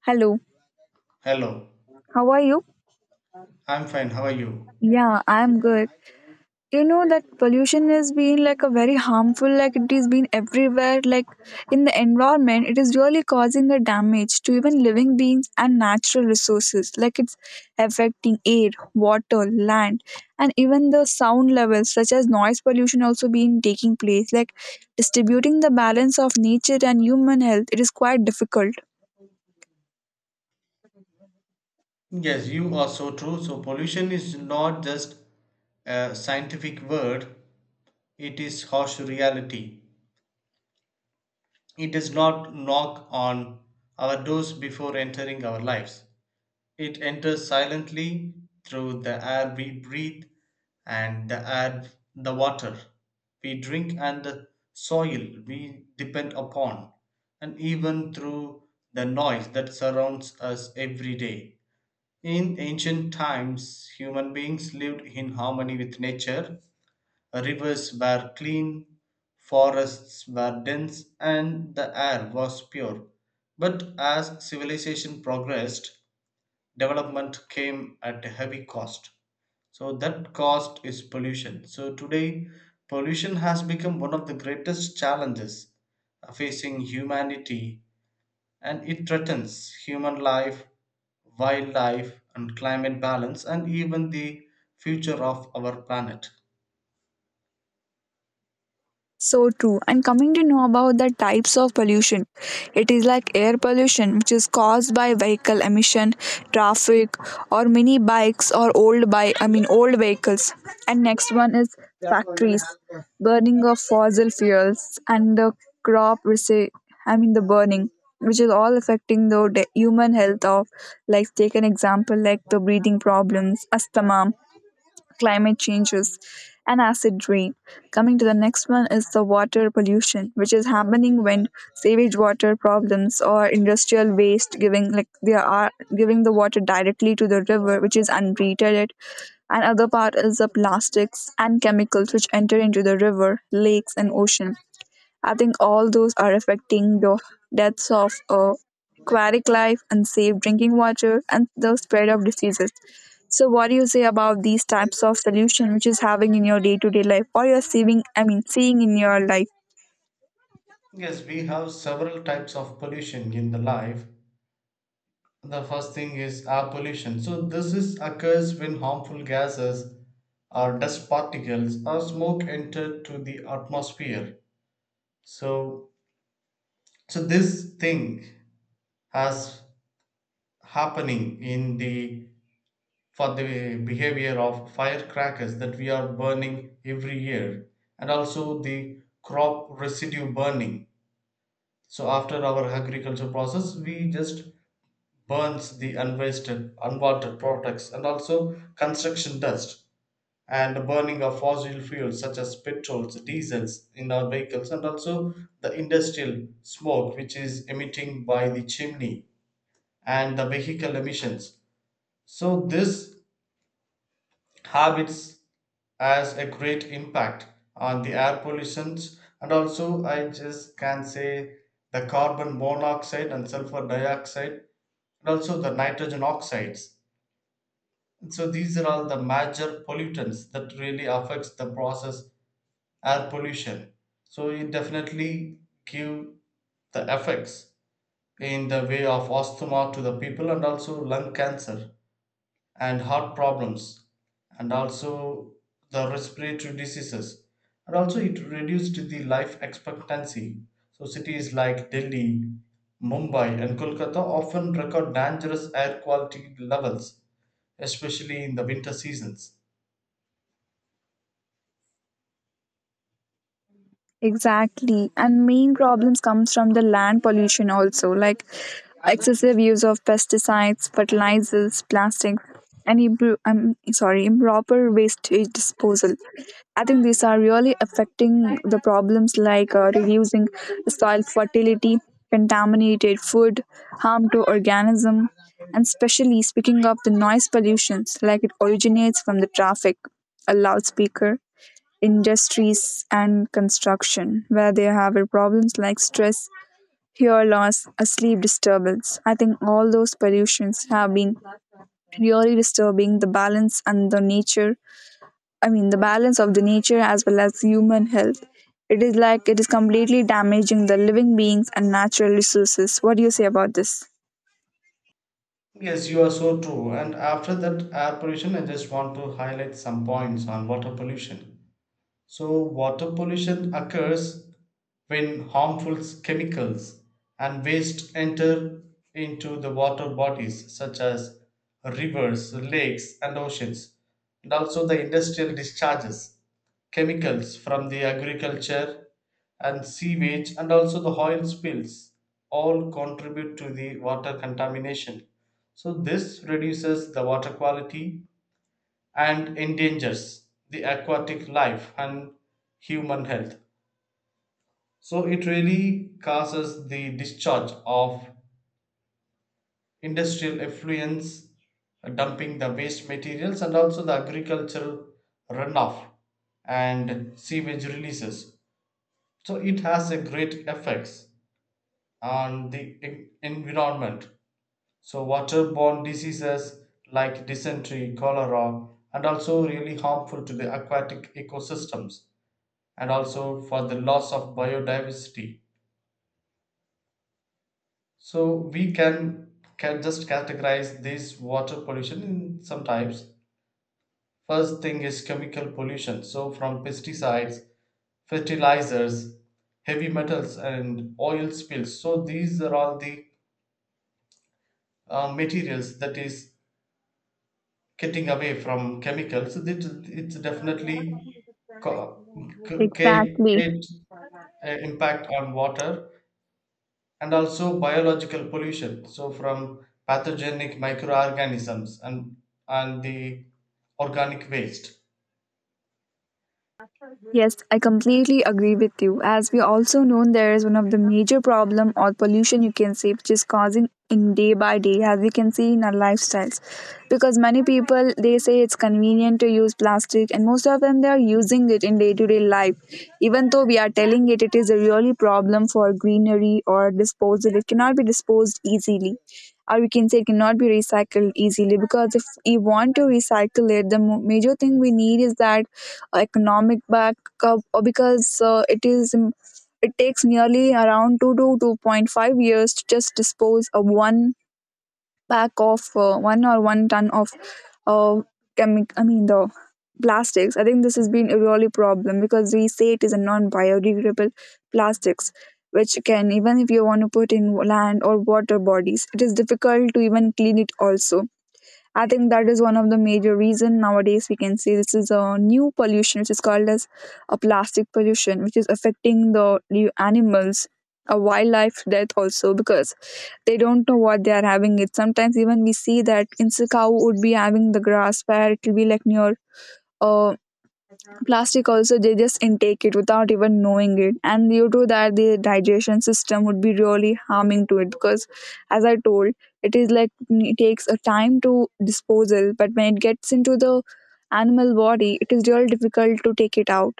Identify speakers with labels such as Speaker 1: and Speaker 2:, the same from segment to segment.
Speaker 1: Hello,
Speaker 2: Hello,
Speaker 1: how are you?
Speaker 2: I'm fine. How are you?
Speaker 1: Yeah, I'm good. You know that pollution has been like a very harmful, like it is been everywhere, like in the environment, it is really causing a damage to even living beings and natural resources. Like it's affecting air, water, land, and even the sound levels, such as noise pollution, also being taking place. Like distributing the balance of nature and human health, it is quite difficult.
Speaker 2: Yes, you are so true. So, pollution is not just a scientific word, it is harsh reality. It does not knock on our doors before entering our lives. It enters silently through the air we breathe and the water we drink, and the soil we depend upon, and even through the noise that surrounds us every day. In ancient times, human beings lived in harmony with nature. Rivers were clean, forests were dense, and the air was pure. But as civilization progressed, development came at a heavy cost. So, that cost is pollution. So, today, pollution has become one of the greatest challenges facing humanity, and it threatens human life, wildlife, and climate balance, and even the future of our planet.
Speaker 1: So true. And coming to know about the types of pollution, it is like air pollution, which is caused by vehicle emission, traffic, or mini bikes or old bike. I mean old vehicles. And next one is factories, burning of fossil fuels, and the crop resi- I mean the burning, which is all affecting the human health of, like take an example like the breathing problems, asthma, climate changes and acid rain. Coming to the next one is the water pollution, which is happening when sewage water problems or industrial waste giving like they are giving the water directly to the river, which is untreated. It and other part is the plastics and chemicals which enter into the river, lakes, and ocean. I think all those are affecting the deaths of aquatic life, unsafe drinking water, and the spread of diseases. So, what do you say about these types of solution which is having in your day-to-day life, or you're seeing, I mean, seeing in your life?
Speaker 2: Yes, we have several types of pollution in the life. The first thing is air pollution. So this is occurs when harmful gases or dust particles or smoke enter to the atmosphere. So so this thing has happening in the for the behavior of firecrackers that we are burning every year, and also the crop residue burning. So after our agriculture process, we just burns the unwasted unwanted products, and also construction dust, and the burning of fossil fuels such as petrols, diesels in our vehicles, and also the industrial smoke which is emitting by the chimney, and the vehicle emissions. So this habits has a great impact on the air pollutions, and also I just can say the carbon monoxide and sulfur dioxide, and also the nitrogen oxides. So these are all the major pollutants that really affects the process air pollution. So it definitely give the effects in the way of asthma to the people, and also lung cancer and heart problems, and also the respiratory diseases, and also it reduced the life expectancy. So cities like Delhi, Mumbai, and Kolkata often record dangerous air quality levels, especially in the winter seasons.
Speaker 1: Exactly. And main problems comes from the land pollution also, like excessive use of pesticides, fertilizers, plastics, and I'm sorry, improper waste disposal. I think these are really affecting the problems like reducing soil fertility, contaminated food, harm to organism, and especially speaking of the noise pollutions, like it originates from the traffic, a loudspeaker, industries and construction where they have problems like stress, hair loss, a sleep disturbance. I think all those pollutions have been really disturbing the balance and the nature, I mean the balance of the nature as well as human health. It is like it is completely damaging the living beings and natural resources. What do you say about this?
Speaker 2: Yes, you are so true. And after that air pollution, I just want to highlight some points on water pollution. So, water pollution occurs when harmful chemicals and waste enter into the water bodies such as rivers, lakes, and oceans, and also the industrial discharges, chemicals from the agriculture and sewage, and also the oil spills all contribute to the water contamination. So, this reduces the water quality and endangers the aquatic life and human health. So it really causes the discharge of industrial effluents, dumping the waste materials, and also the agricultural runoff and sewage releases. So it has a great effects on the environment. So waterborne diseases like dysentery, cholera, and also really harmful to the aquatic ecosystems, and also for the loss of biodiversity. So we can just categorize this water pollution in some types. First thing is chemical pollution. So from pesticides, fertilizers, heavy metals, and oil spills. So these are all the materials that is getting away from chemicals. So it's definitely co- c- create,
Speaker 1: Exactly.
Speaker 2: create impact on water, and also biological pollution. So from pathogenic microorganisms and the organic waste.
Speaker 1: Yes, I completely agree with you. As we also know, there is one of the major problem or pollution you can say, which is causing in day by day, as we can see in our lifestyles. Because many people they say it's convenient to use plastic, and most of them they are using it in day to day life. Even though we are telling it, it is a really problem for greenery or disposal. It cannot be disposed easily. Or we can say it cannot be recycled easily because if we want to recycle it, the major thing we need is that economic backup or because it is it takes nearly around 2 to 2.5 years to just dispose of one pack of one or one ton of uh, chemic I mean the plastics. I think this has been a really problem because we say it is a non-biodegradable plastics, which can, even if you want to put in land or water bodies, it is difficult to even clean it also. I think that is one of the major reason nowadays we can say this is a new pollution which is called as a plastic pollution, which is affecting the animals, a wildlife death also, because they don't know what they are having it. Sometimes even we see that insect, cow would be having the grass where it will be like near a plastic also, they just intake it without even knowing it, and due to that the digestion system would be really harming to it because, as I told, it is like it takes a time to disposal, but when it gets into the animal body it is really difficult to take it out.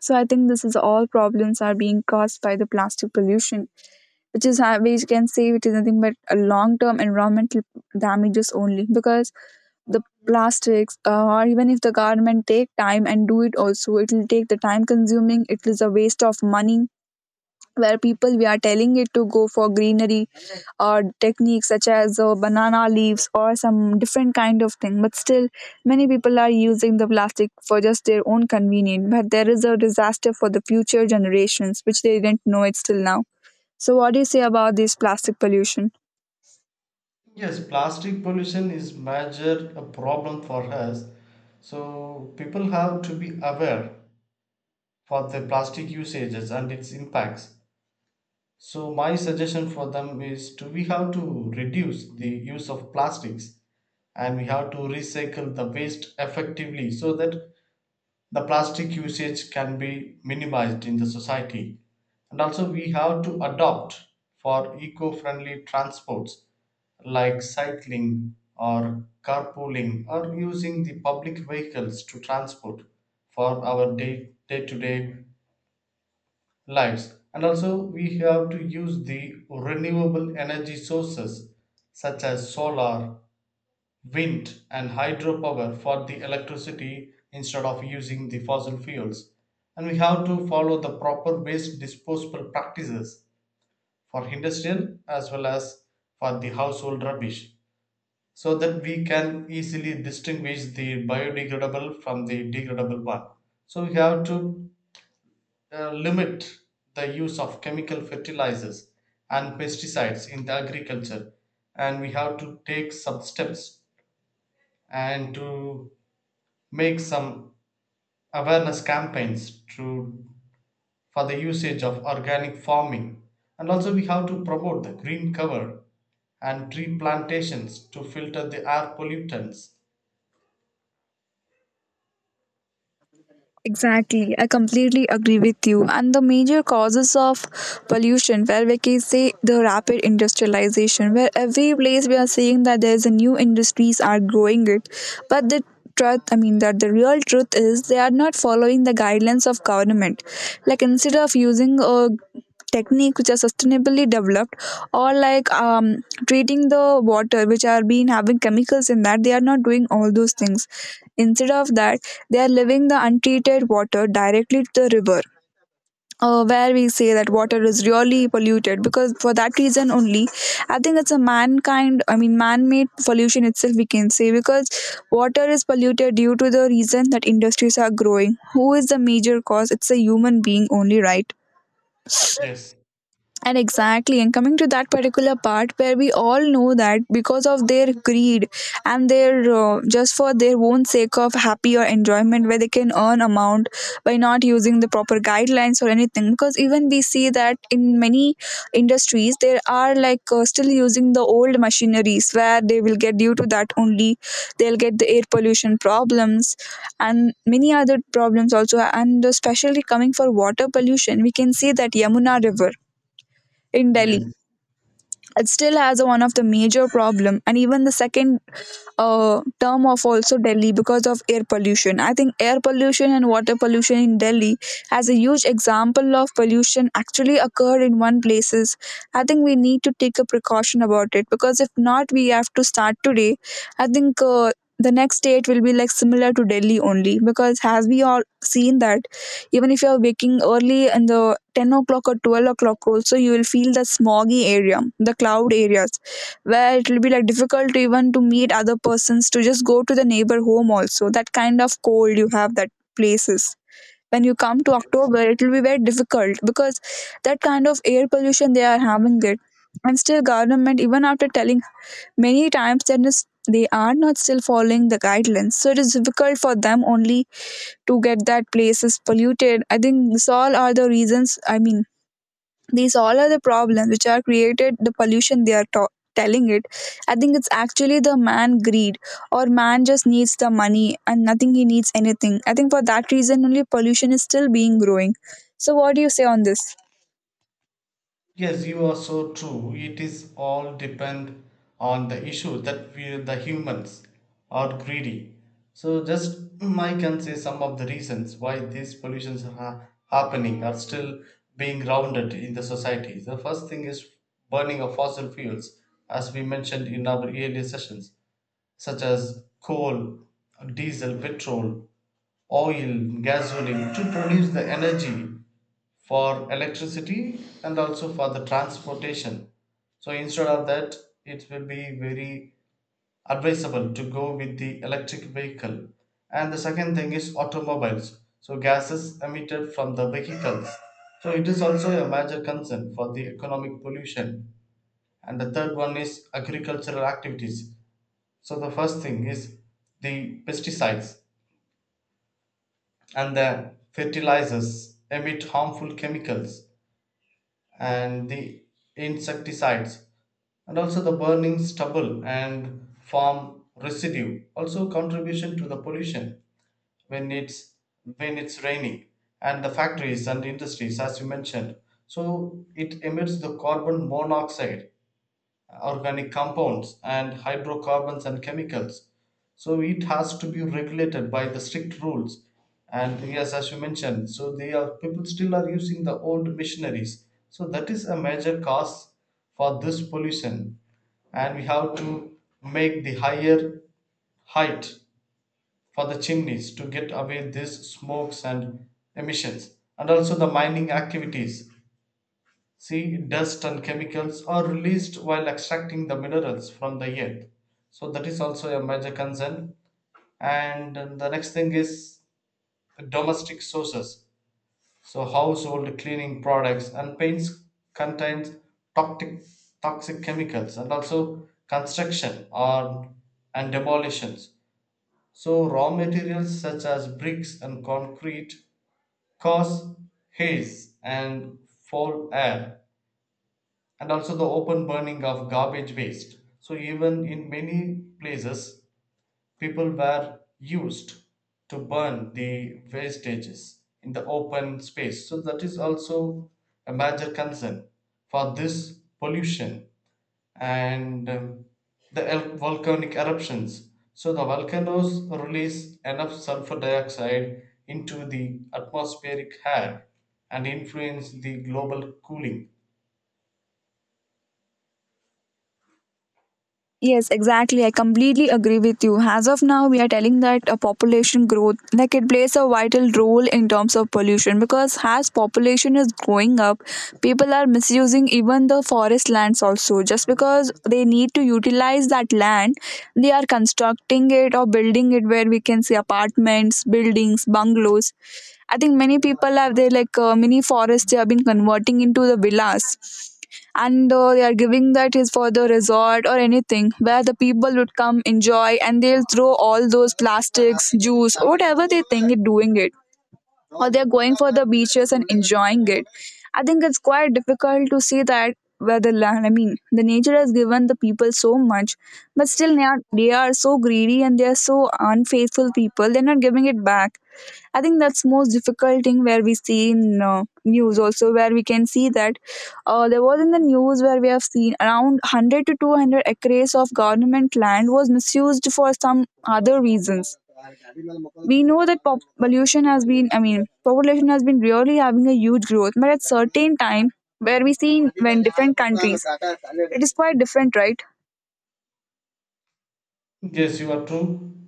Speaker 1: So I think this is all problems are being caused by the plastic pollution, which is, how we can say, it is nothing but a long term environmental damages only, because the plastics or even if the government take time and do it also, it will take the time consuming, it is a waste of money where people we are telling it to go for greenery or techniques such as banana leaves or some different kind of thing, but still many people are using the plastic for just their own convenience, but there is a disaster for the future generations which they didn't know it till now. So what do you say about this plastic pollution?
Speaker 2: Yes, plastic pollution is major a problem for us. So people have to be aware for the plastic usages and its impacts. So my suggestion for them is to we have to reduce the use of plastics, and we have to recycle the waste effectively so that the plastic usage can be minimized in the society. And also, we have to adopt for eco-friendly transports like cycling or carpooling or using the public vehicles to transport for our day to day lives, and also we have to use the renewable energy sources such as solar, wind, and hydropower for the electricity instead of using the fossil fuels. And we have to follow the proper waste disposal practices for industrial as well as for the household rubbish, so that we can easily distinguish the biodegradable from the degradable one. So we have to limit the use of chemical fertilizers and pesticides in the agriculture, and we have to take some steps and to make some awareness campaigns to for the usage of organic farming. And also we have to promote the green cover and tree plantations to filter the air pollutants.
Speaker 1: Exactly, I completely agree with you. And the major causes of pollution, where we can say the rapid industrialization, where every place we are seeing that there's a new industries are growing it, but the truth, I mean that the real truth is they are not following the guidelines of government, like instead of using a technique which are sustainably developed or like treating the water which are being having chemicals in that, they are not doing all those things. Instead of that, they are leaving the untreated water directly to the river. Where we say that water is really polluted because for that reason only, I think it's a mankind, I mean man-made pollution itself we can say, because water is polluted due to the reason that industries are growing. Who is the major cause? It's a human being only, right?
Speaker 2: Yes,
Speaker 1: And exactly, and coming to that particular part where we all know that because of their greed and their just for their own sake of happy or enjoyment, where they can earn amount by not using the proper guidelines or anything. Because even we see that in many industries, there are like still using the old machineries where they will get, due to that only they'll get the air pollution problems and many other problems also. And especially coming for water pollution, we can see that Yamuna River in Delhi.
Speaker 2: yes.
Speaker 1: It still has a, one of the major problem, and even the second term of also Delhi because of air pollution. I think air pollution and water pollution in Delhi as a huge example of pollution actually occurred in one places. I think we need to take a precaution about it because if not, we have to start today. I think. The next state will be like similar to Delhi only, because as we all seen that even if you are waking early in the 10 o'clock or 12 o'clock also, you will feel the smoggy area, the cloud areas where it will be like difficult to even to meet other persons, to just go to the neighbor home also, that kind of cold you have that places. When you come to October it will be very difficult because that kind of air pollution they are having it, and still government even after telling many times that is, they are not still following the guidelines, so it is difficult for them only to get that place is polluted. I think these all are the reasons, I mean these all are the problems which are created the pollution. Telling it, I think it's actually the man greed or man just needs the money and nothing he needs anything. I think for that reason only pollution is still being growing. So what do you say on this?
Speaker 2: Yes, you are so true. It is all depend on the issue that we the humans are greedy. So just I can say some of the reasons why these pollutions are happening are still being grounded in the society. The first thing is burning of fossil fuels, as we mentioned in our earlier sessions, such as coal, diesel, petrol, oil, gasoline, to produce the energy for electricity and also for the transportation. So instead of that, it will be very advisable to go with the electric vehicle. And the second thing is automobiles. So gases emitted from the vehicles. So it is also a major concern for the economic pollution. And the third one is agricultural activities. So the first thing is the pesticides and the fertilizers emit harmful chemicals, and the insecticides, and also the burning stubble and farm residue also contribution to the pollution when it's when it's raining. And the factories and industries, as you mentioned, so it emits the carbon monoxide, organic compounds and hydrocarbons and chemicals. So it has to be regulated by the strict rules. And yes, as you mentioned, so they are people still are using the old machineries, so that is a major cause for this pollution. And we have to make the higher height for the chimneys to get away these smokes and emissions, and also the mining activities. See, dust and chemicals are released while extracting the minerals from the earth. So that is also a major concern. And the next thing is domestic sources. So household cleaning products and paints contains toxic toxic chemicals, and also construction or and demolitions. So raw materials such as bricks and concrete cause haze and foul air, and also the open burning of garbage waste. So, even in many places, people were used to burn the wastages in the open space. So, that is also a major concern for this pollution, and the volcanic eruptions. So, the volcanoes release enough sulfur dioxide into the atmospheric air and influence the global cooling.
Speaker 1: Yes, exactly. I completely agree with you. As of now, we are telling that a population growth, like it plays a vital role in terms of pollution, because as population is growing up, people are misusing even the forest lands also. Just because they need to utilize that land, they are constructing it or building it where we can see apartments, buildings, bungalows. I think many people have their like mini forests they have been converting into the villas, and they are giving that is for the resort or anything where the people would come enjoy, and they'll throw all those plastics, juice, whatever they think it doing it, or they're going for the beaches and enjoying it. I think it's quite difficult to see that where the land, I mean, the nature has given the people so much, but still they are so greedy and they are so unfaithful people. They're not giving it back. I think that's most difficult thing where we see in news also, where we can see that there was in the news where we have seen around 100 to 200 acres of government land was misused for some other reasons. We know that pollution has been, I mean, population has been really having a huge growth, but at certain time where we see when different countries, it is quite different, right?
Speaker 2: Yes, you are true.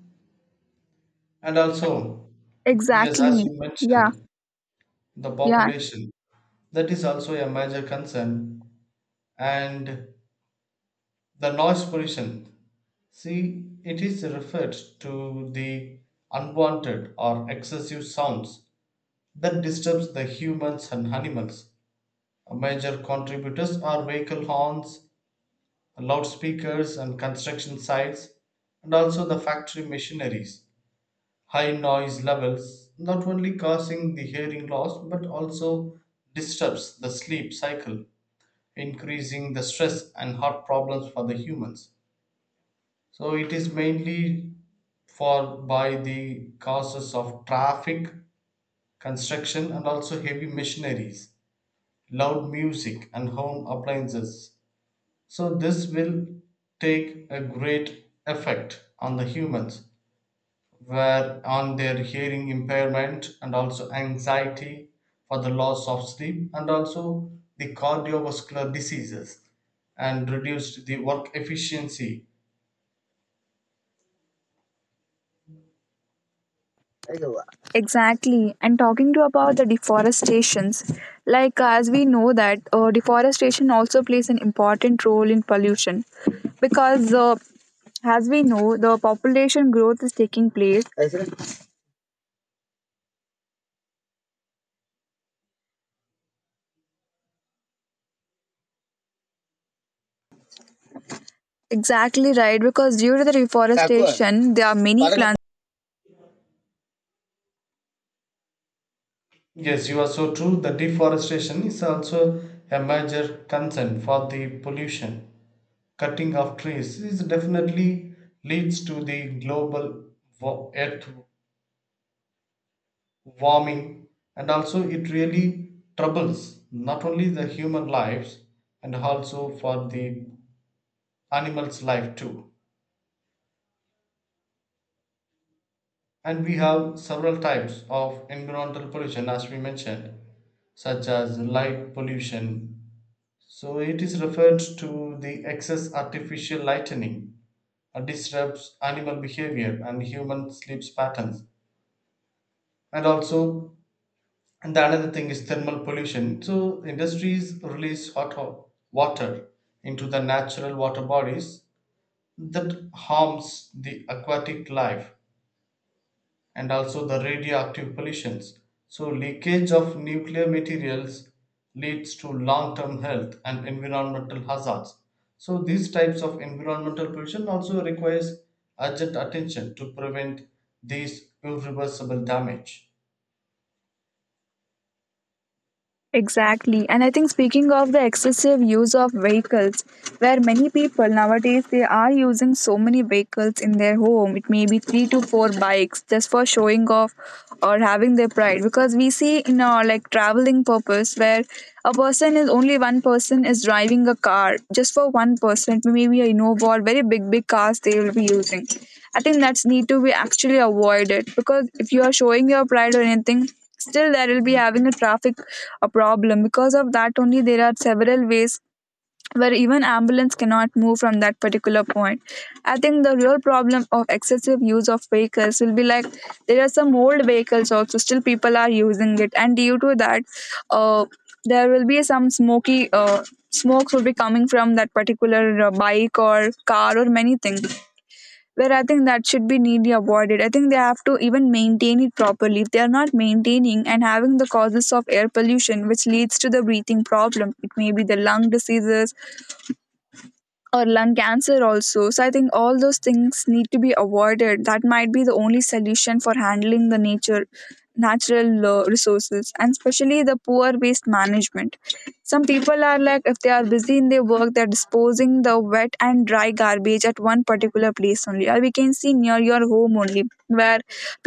Speaker 2: And also, yes, as
Speaker 1: Exactly.
Speaker 2: you
Speaker 1: Yeah.
Speaker 2: mentioned, the
Speaker 1: Yeah.
Speaker 2: population, that is also a major concern. And the noise pollution, see, it is referred to the unwanted or excessive sounds that disturbs the humans and animals. Major contributors are vehicle horns, loudspeakers, and construction sites, and also the factory machineries. High noise levels not only causing the hearing loss but also disturbs the sleep cycle, increasing the stress and heart problems for the humans. So it is mainly for by the causes of traffic, construction, and also heavy machineries, loud music, and home appliances. So this will take a great effect on the humans, were on their hearing impairment, and also anxiety for the loss of sleep, and also the cardiovascular diseases, and reduced the work efficiency.
Speaker 1: Exactly. And talking to about the deforestations, as we know that deforestation also plays an important role in pollution because as we know the population growth is taking place. Exactly right, because due to the reforestation, there are many plants.
Speaker 2: Yes, you are so true. The deforestation is also a major concern for the pollution. Cutting of trees is definitely leads to the global earth warming, and also it really troubles not only the human lives, and also for the animals' life too. And we have several types of environmental pollution, as we mentioned, such as light pollution. So it is referred to the excess artificial lightening, disrupts animal behavior and human sleep patterns. And also And the another thing is thermal pollution. So industries release hot water into the natural water bodies that harms the aquatic life, and also the radioactive pollutions. So leakage of nuclear materials leads to long-term health and environmental hazards. So these types of environmental pollution also requires urgent attention to prevent these irreversible damage.
Speaker 1: Exactly. And I think speaking of the excessive use of vehicles, where many people nowadays they are using so many vehicles in their home. It may be three to four bikes just for showing off or having their pride. Because we see in our like traveling purpose where a person is only one person is driving a car just for one person. Maybe a Innova or very big cars they will be using. I think that's need to be actually avoided because if you are showing your pride or anything still there will be having a traffic a problem because of that only there are several ways where even ambulance cannot move from that particular point. I think the real problem of excessive use of vehicles will be like there are some old vehicles also still people are using it and due to that uh, there will be some smoky smokes will be coming from that particular bike or car or many things where I think that should be neatly avoided. I think they have to even maintain it properly. If they are not maintaining and having the causes of air pollution, which leads to the breathing problem, it may be the lung diseases, or lung cancer also. So I think all those things need to be avoided. That might be the only solution for handling the nature natural resources, and especially the poor waste management. Some people are like if they are busy in their work they're disposing the wet and dry garbage at one particular place only, or we can see near your home only, where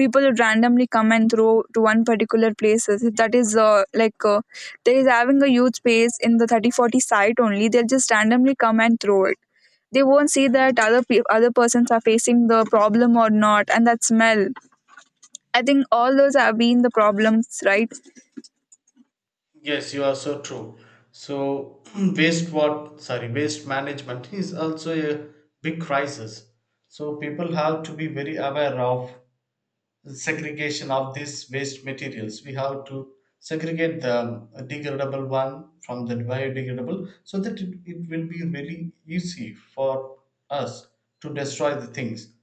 Speaker 1: people randomly come and throw to one particular places. If that is there is having a huge space in the 30-40 site only. They'll just randomly come and throw it. They won't see that other persons are facing the problem or not, and that smell. I think all those have been the problems, right?
Speaker 2: Yes, you are so true. So waste what sorry waste management is also a big crisis. So people have to be very aware of segregation of these waste materials. We have to segregate the degradable one from the biodegradable, so that it will be really easy for us to destroy the things.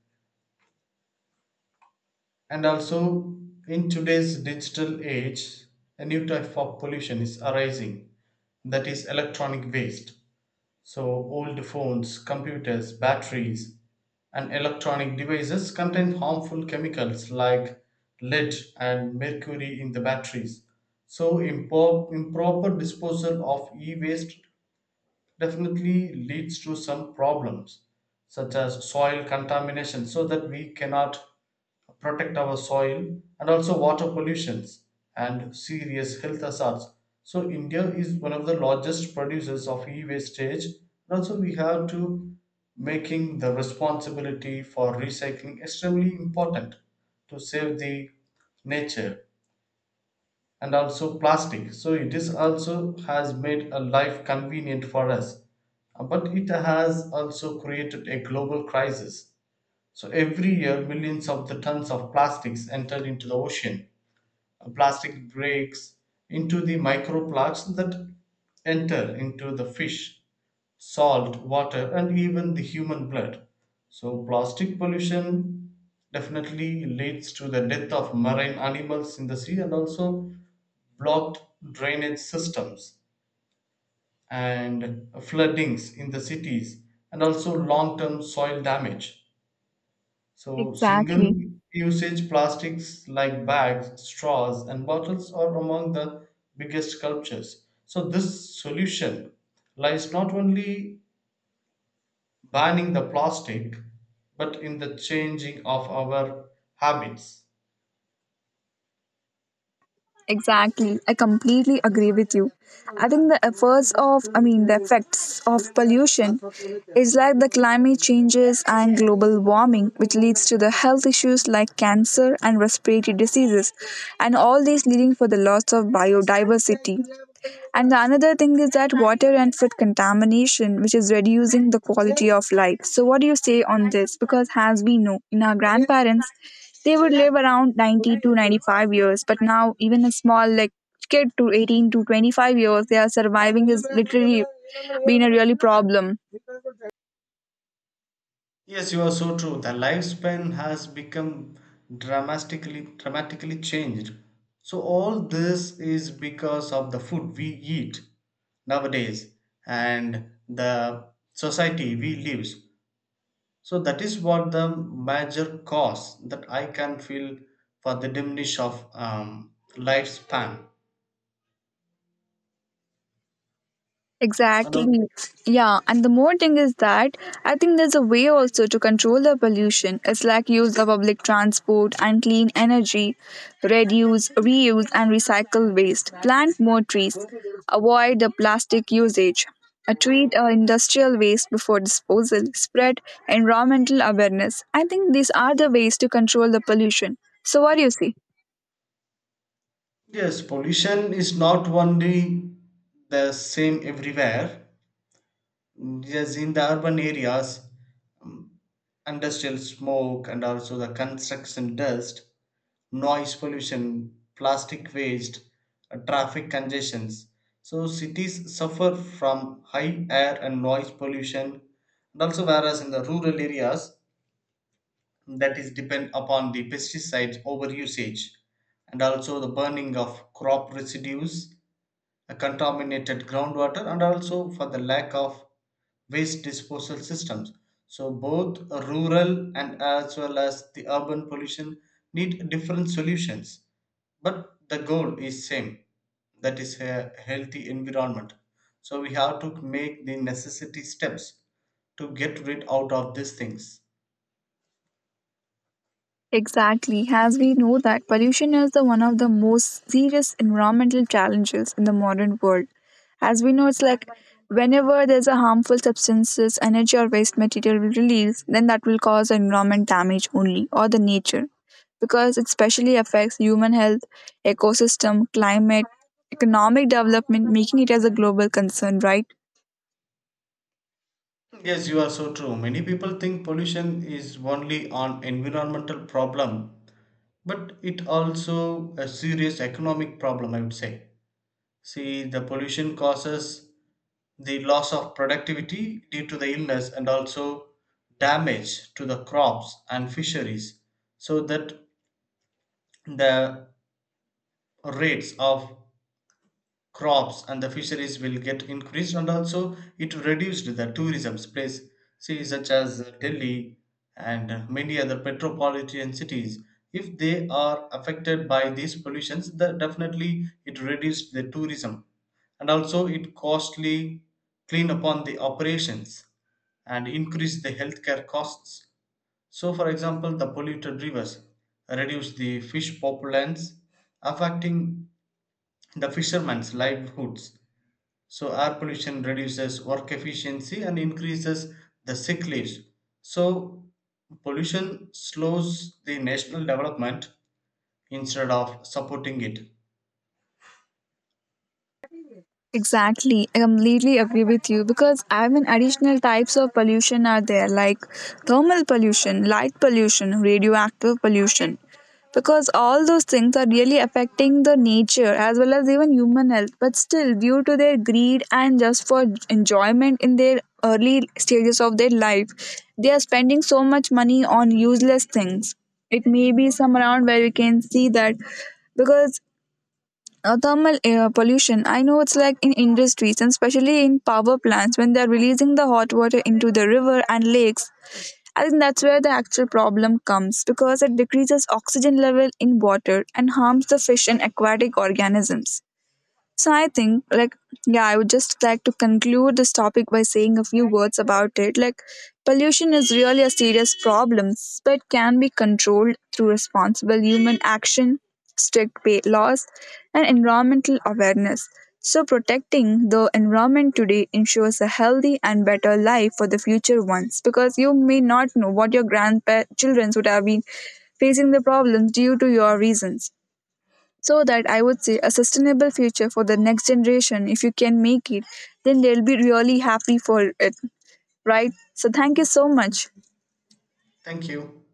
Speaker 2: And also, in today's digital age, a new type of pollution is arising, that is, electronic waste. So, old phones, computers, batteries, and electronic devices contain harmful chemicals like lead and mercury in the batteries. So, improper disposal of e waste definitely leads to some problems such as soil contamination, so that we cannot protect our soil, and also water pollutions and serious health hazards. So India is one of the largest producers of e-wastage, and also we have to making the responsibility for recycling extremely important to save the nature. And also plastic, so it is also has made a life convenient for us. But it has also created a global crisis. So every year millions of the tons of plastics enter into the ocean. Plastic breaks into the microplastics that enter into the fish, salt water, and even the human blood. So plastic pollution definitely leads to the death of marine animals in the sea, and also blocked drainage systems and floodings in the cities, and also long-term soil damage. So single
Speaker 1: Exactly.
Speaker 2: usage plastics like bags, straws, and bottles are among the biggest culprits. So this solution lies not only banning the plastic, but in the changing of our habits.
Speaker 1: Exactly. I completely agree with you. I think the efforts of, I mean, the effects of pollution is like the climate changes and global warming, which leads to the health issues like cancer and respiratory diseases, and all these leading for the loss of biodiversity. And the another thing is that water and food contamination, which is reducing the quality of life. So, what do you say on this? Because, as we know, in our grandparents, they would live around 90 to 95 years, but now, even a small like kid to 18 to 25 years, they are surviving is literally been a really problem.
Speaker 2: Yes, you are so true. The lifespan has become dramatically changed. So all this is because of the food we eat nowadays and the society we live. So that is what the major cause that I can feel for the diminish of lifespan. And,
Speaker 1: Exactly.
Speaker 2: uh,
Speaker 1: Yeah. And the more thing is that I think there's a way also to control the pollution. It's like use the public transport and clean energy, reduce, reuse, and recycle waste, plant more trees, avoid the plastic usage, treat industrial waste before disposal, spread environmental awareness. I think these are the ways to control the pollution. So, what do you see?
Speaker 2: yes, pollution is not only the same everywhere. Yes, in the urban areas, industrial smoke, and also the construction dust, noise pollution, plastic waste, traffic congestions. So cities suffer from high air and noise pollution, and also whereas in the rural areas, that is depend upon the pesticides overusage, and also the burning of crop residues, a contaminated groundwater, and also for the lack of waste disposal systems. So both rural and as well as the urban pollution need different solutions, but the goal is same, that is a healthy environment. So we have to make the necessity steps to get rid out of these things.
Speaker 1: Exactly, as we know that pollution is the one of the most serious environmental challenges in the modern world. As we know, it's like whenever there's a harmful substances, energy or waste material will release, then that will cause environment damage only or the nature, because it specially affects human health, ecosystem, climate, economic development, making it as a global concern, right?
Speaker 2: Yes, you are so true. Many people think pollution is only an environmental problem, but it also a serious economic problem, I would say. See, the pollution causes the loss of productivity due to the illness, and also damage to the crops and fisheries, so that the rates of crops and the fisheries will get increased, and also it reduced the tourism place. See, such as Delhi and many other metropolitan cities, if they are affected by these pollutions, the definitely it reduced the tourism, and also it costly clean upon the operations and increase the healthcare costs. So, for example, the polluted rivers reduce the fish populations, affecting the fishermen's livelihoods. So air pollution reduces work efficiency and increases the sick leaves. So pollution slows the national development instead of supporting it.
Speaker 1: Exactly, I completely agree with you, because I mean additional types of pollution are there like thermal pollution, light pollution, radioactive pollution, because all those things are really affecting the nature as well as even human health. But still due to their greed and just for enjoyment in their early stages of their life, they are spending so much money on useless things. It may be some around where we can see that because thermal air pollution. I know it's like in industries and especially in power plants when they're releasing the hot water into the river and lakes. I think that's where the actual problem comes because it decreases oxygen level in water and harms the fish and aquatic organisms. So I think, like, yeah, I would just like to conclude this topic by saying a few words about it. Like, pollution is really a serious problem, but can be controlled through responsible human action, strict pay laws, and environmental awareness. So, protecting the environment today ensures a healthy and better life for the future ones, because you may not know what your grandchildren would have been facing the problems due to your reasons. So that I would say a sustainable future for the next generation. If you can make it, then they'll be really happy for it, right? So thank you so much.
Speaker 2: Thank you.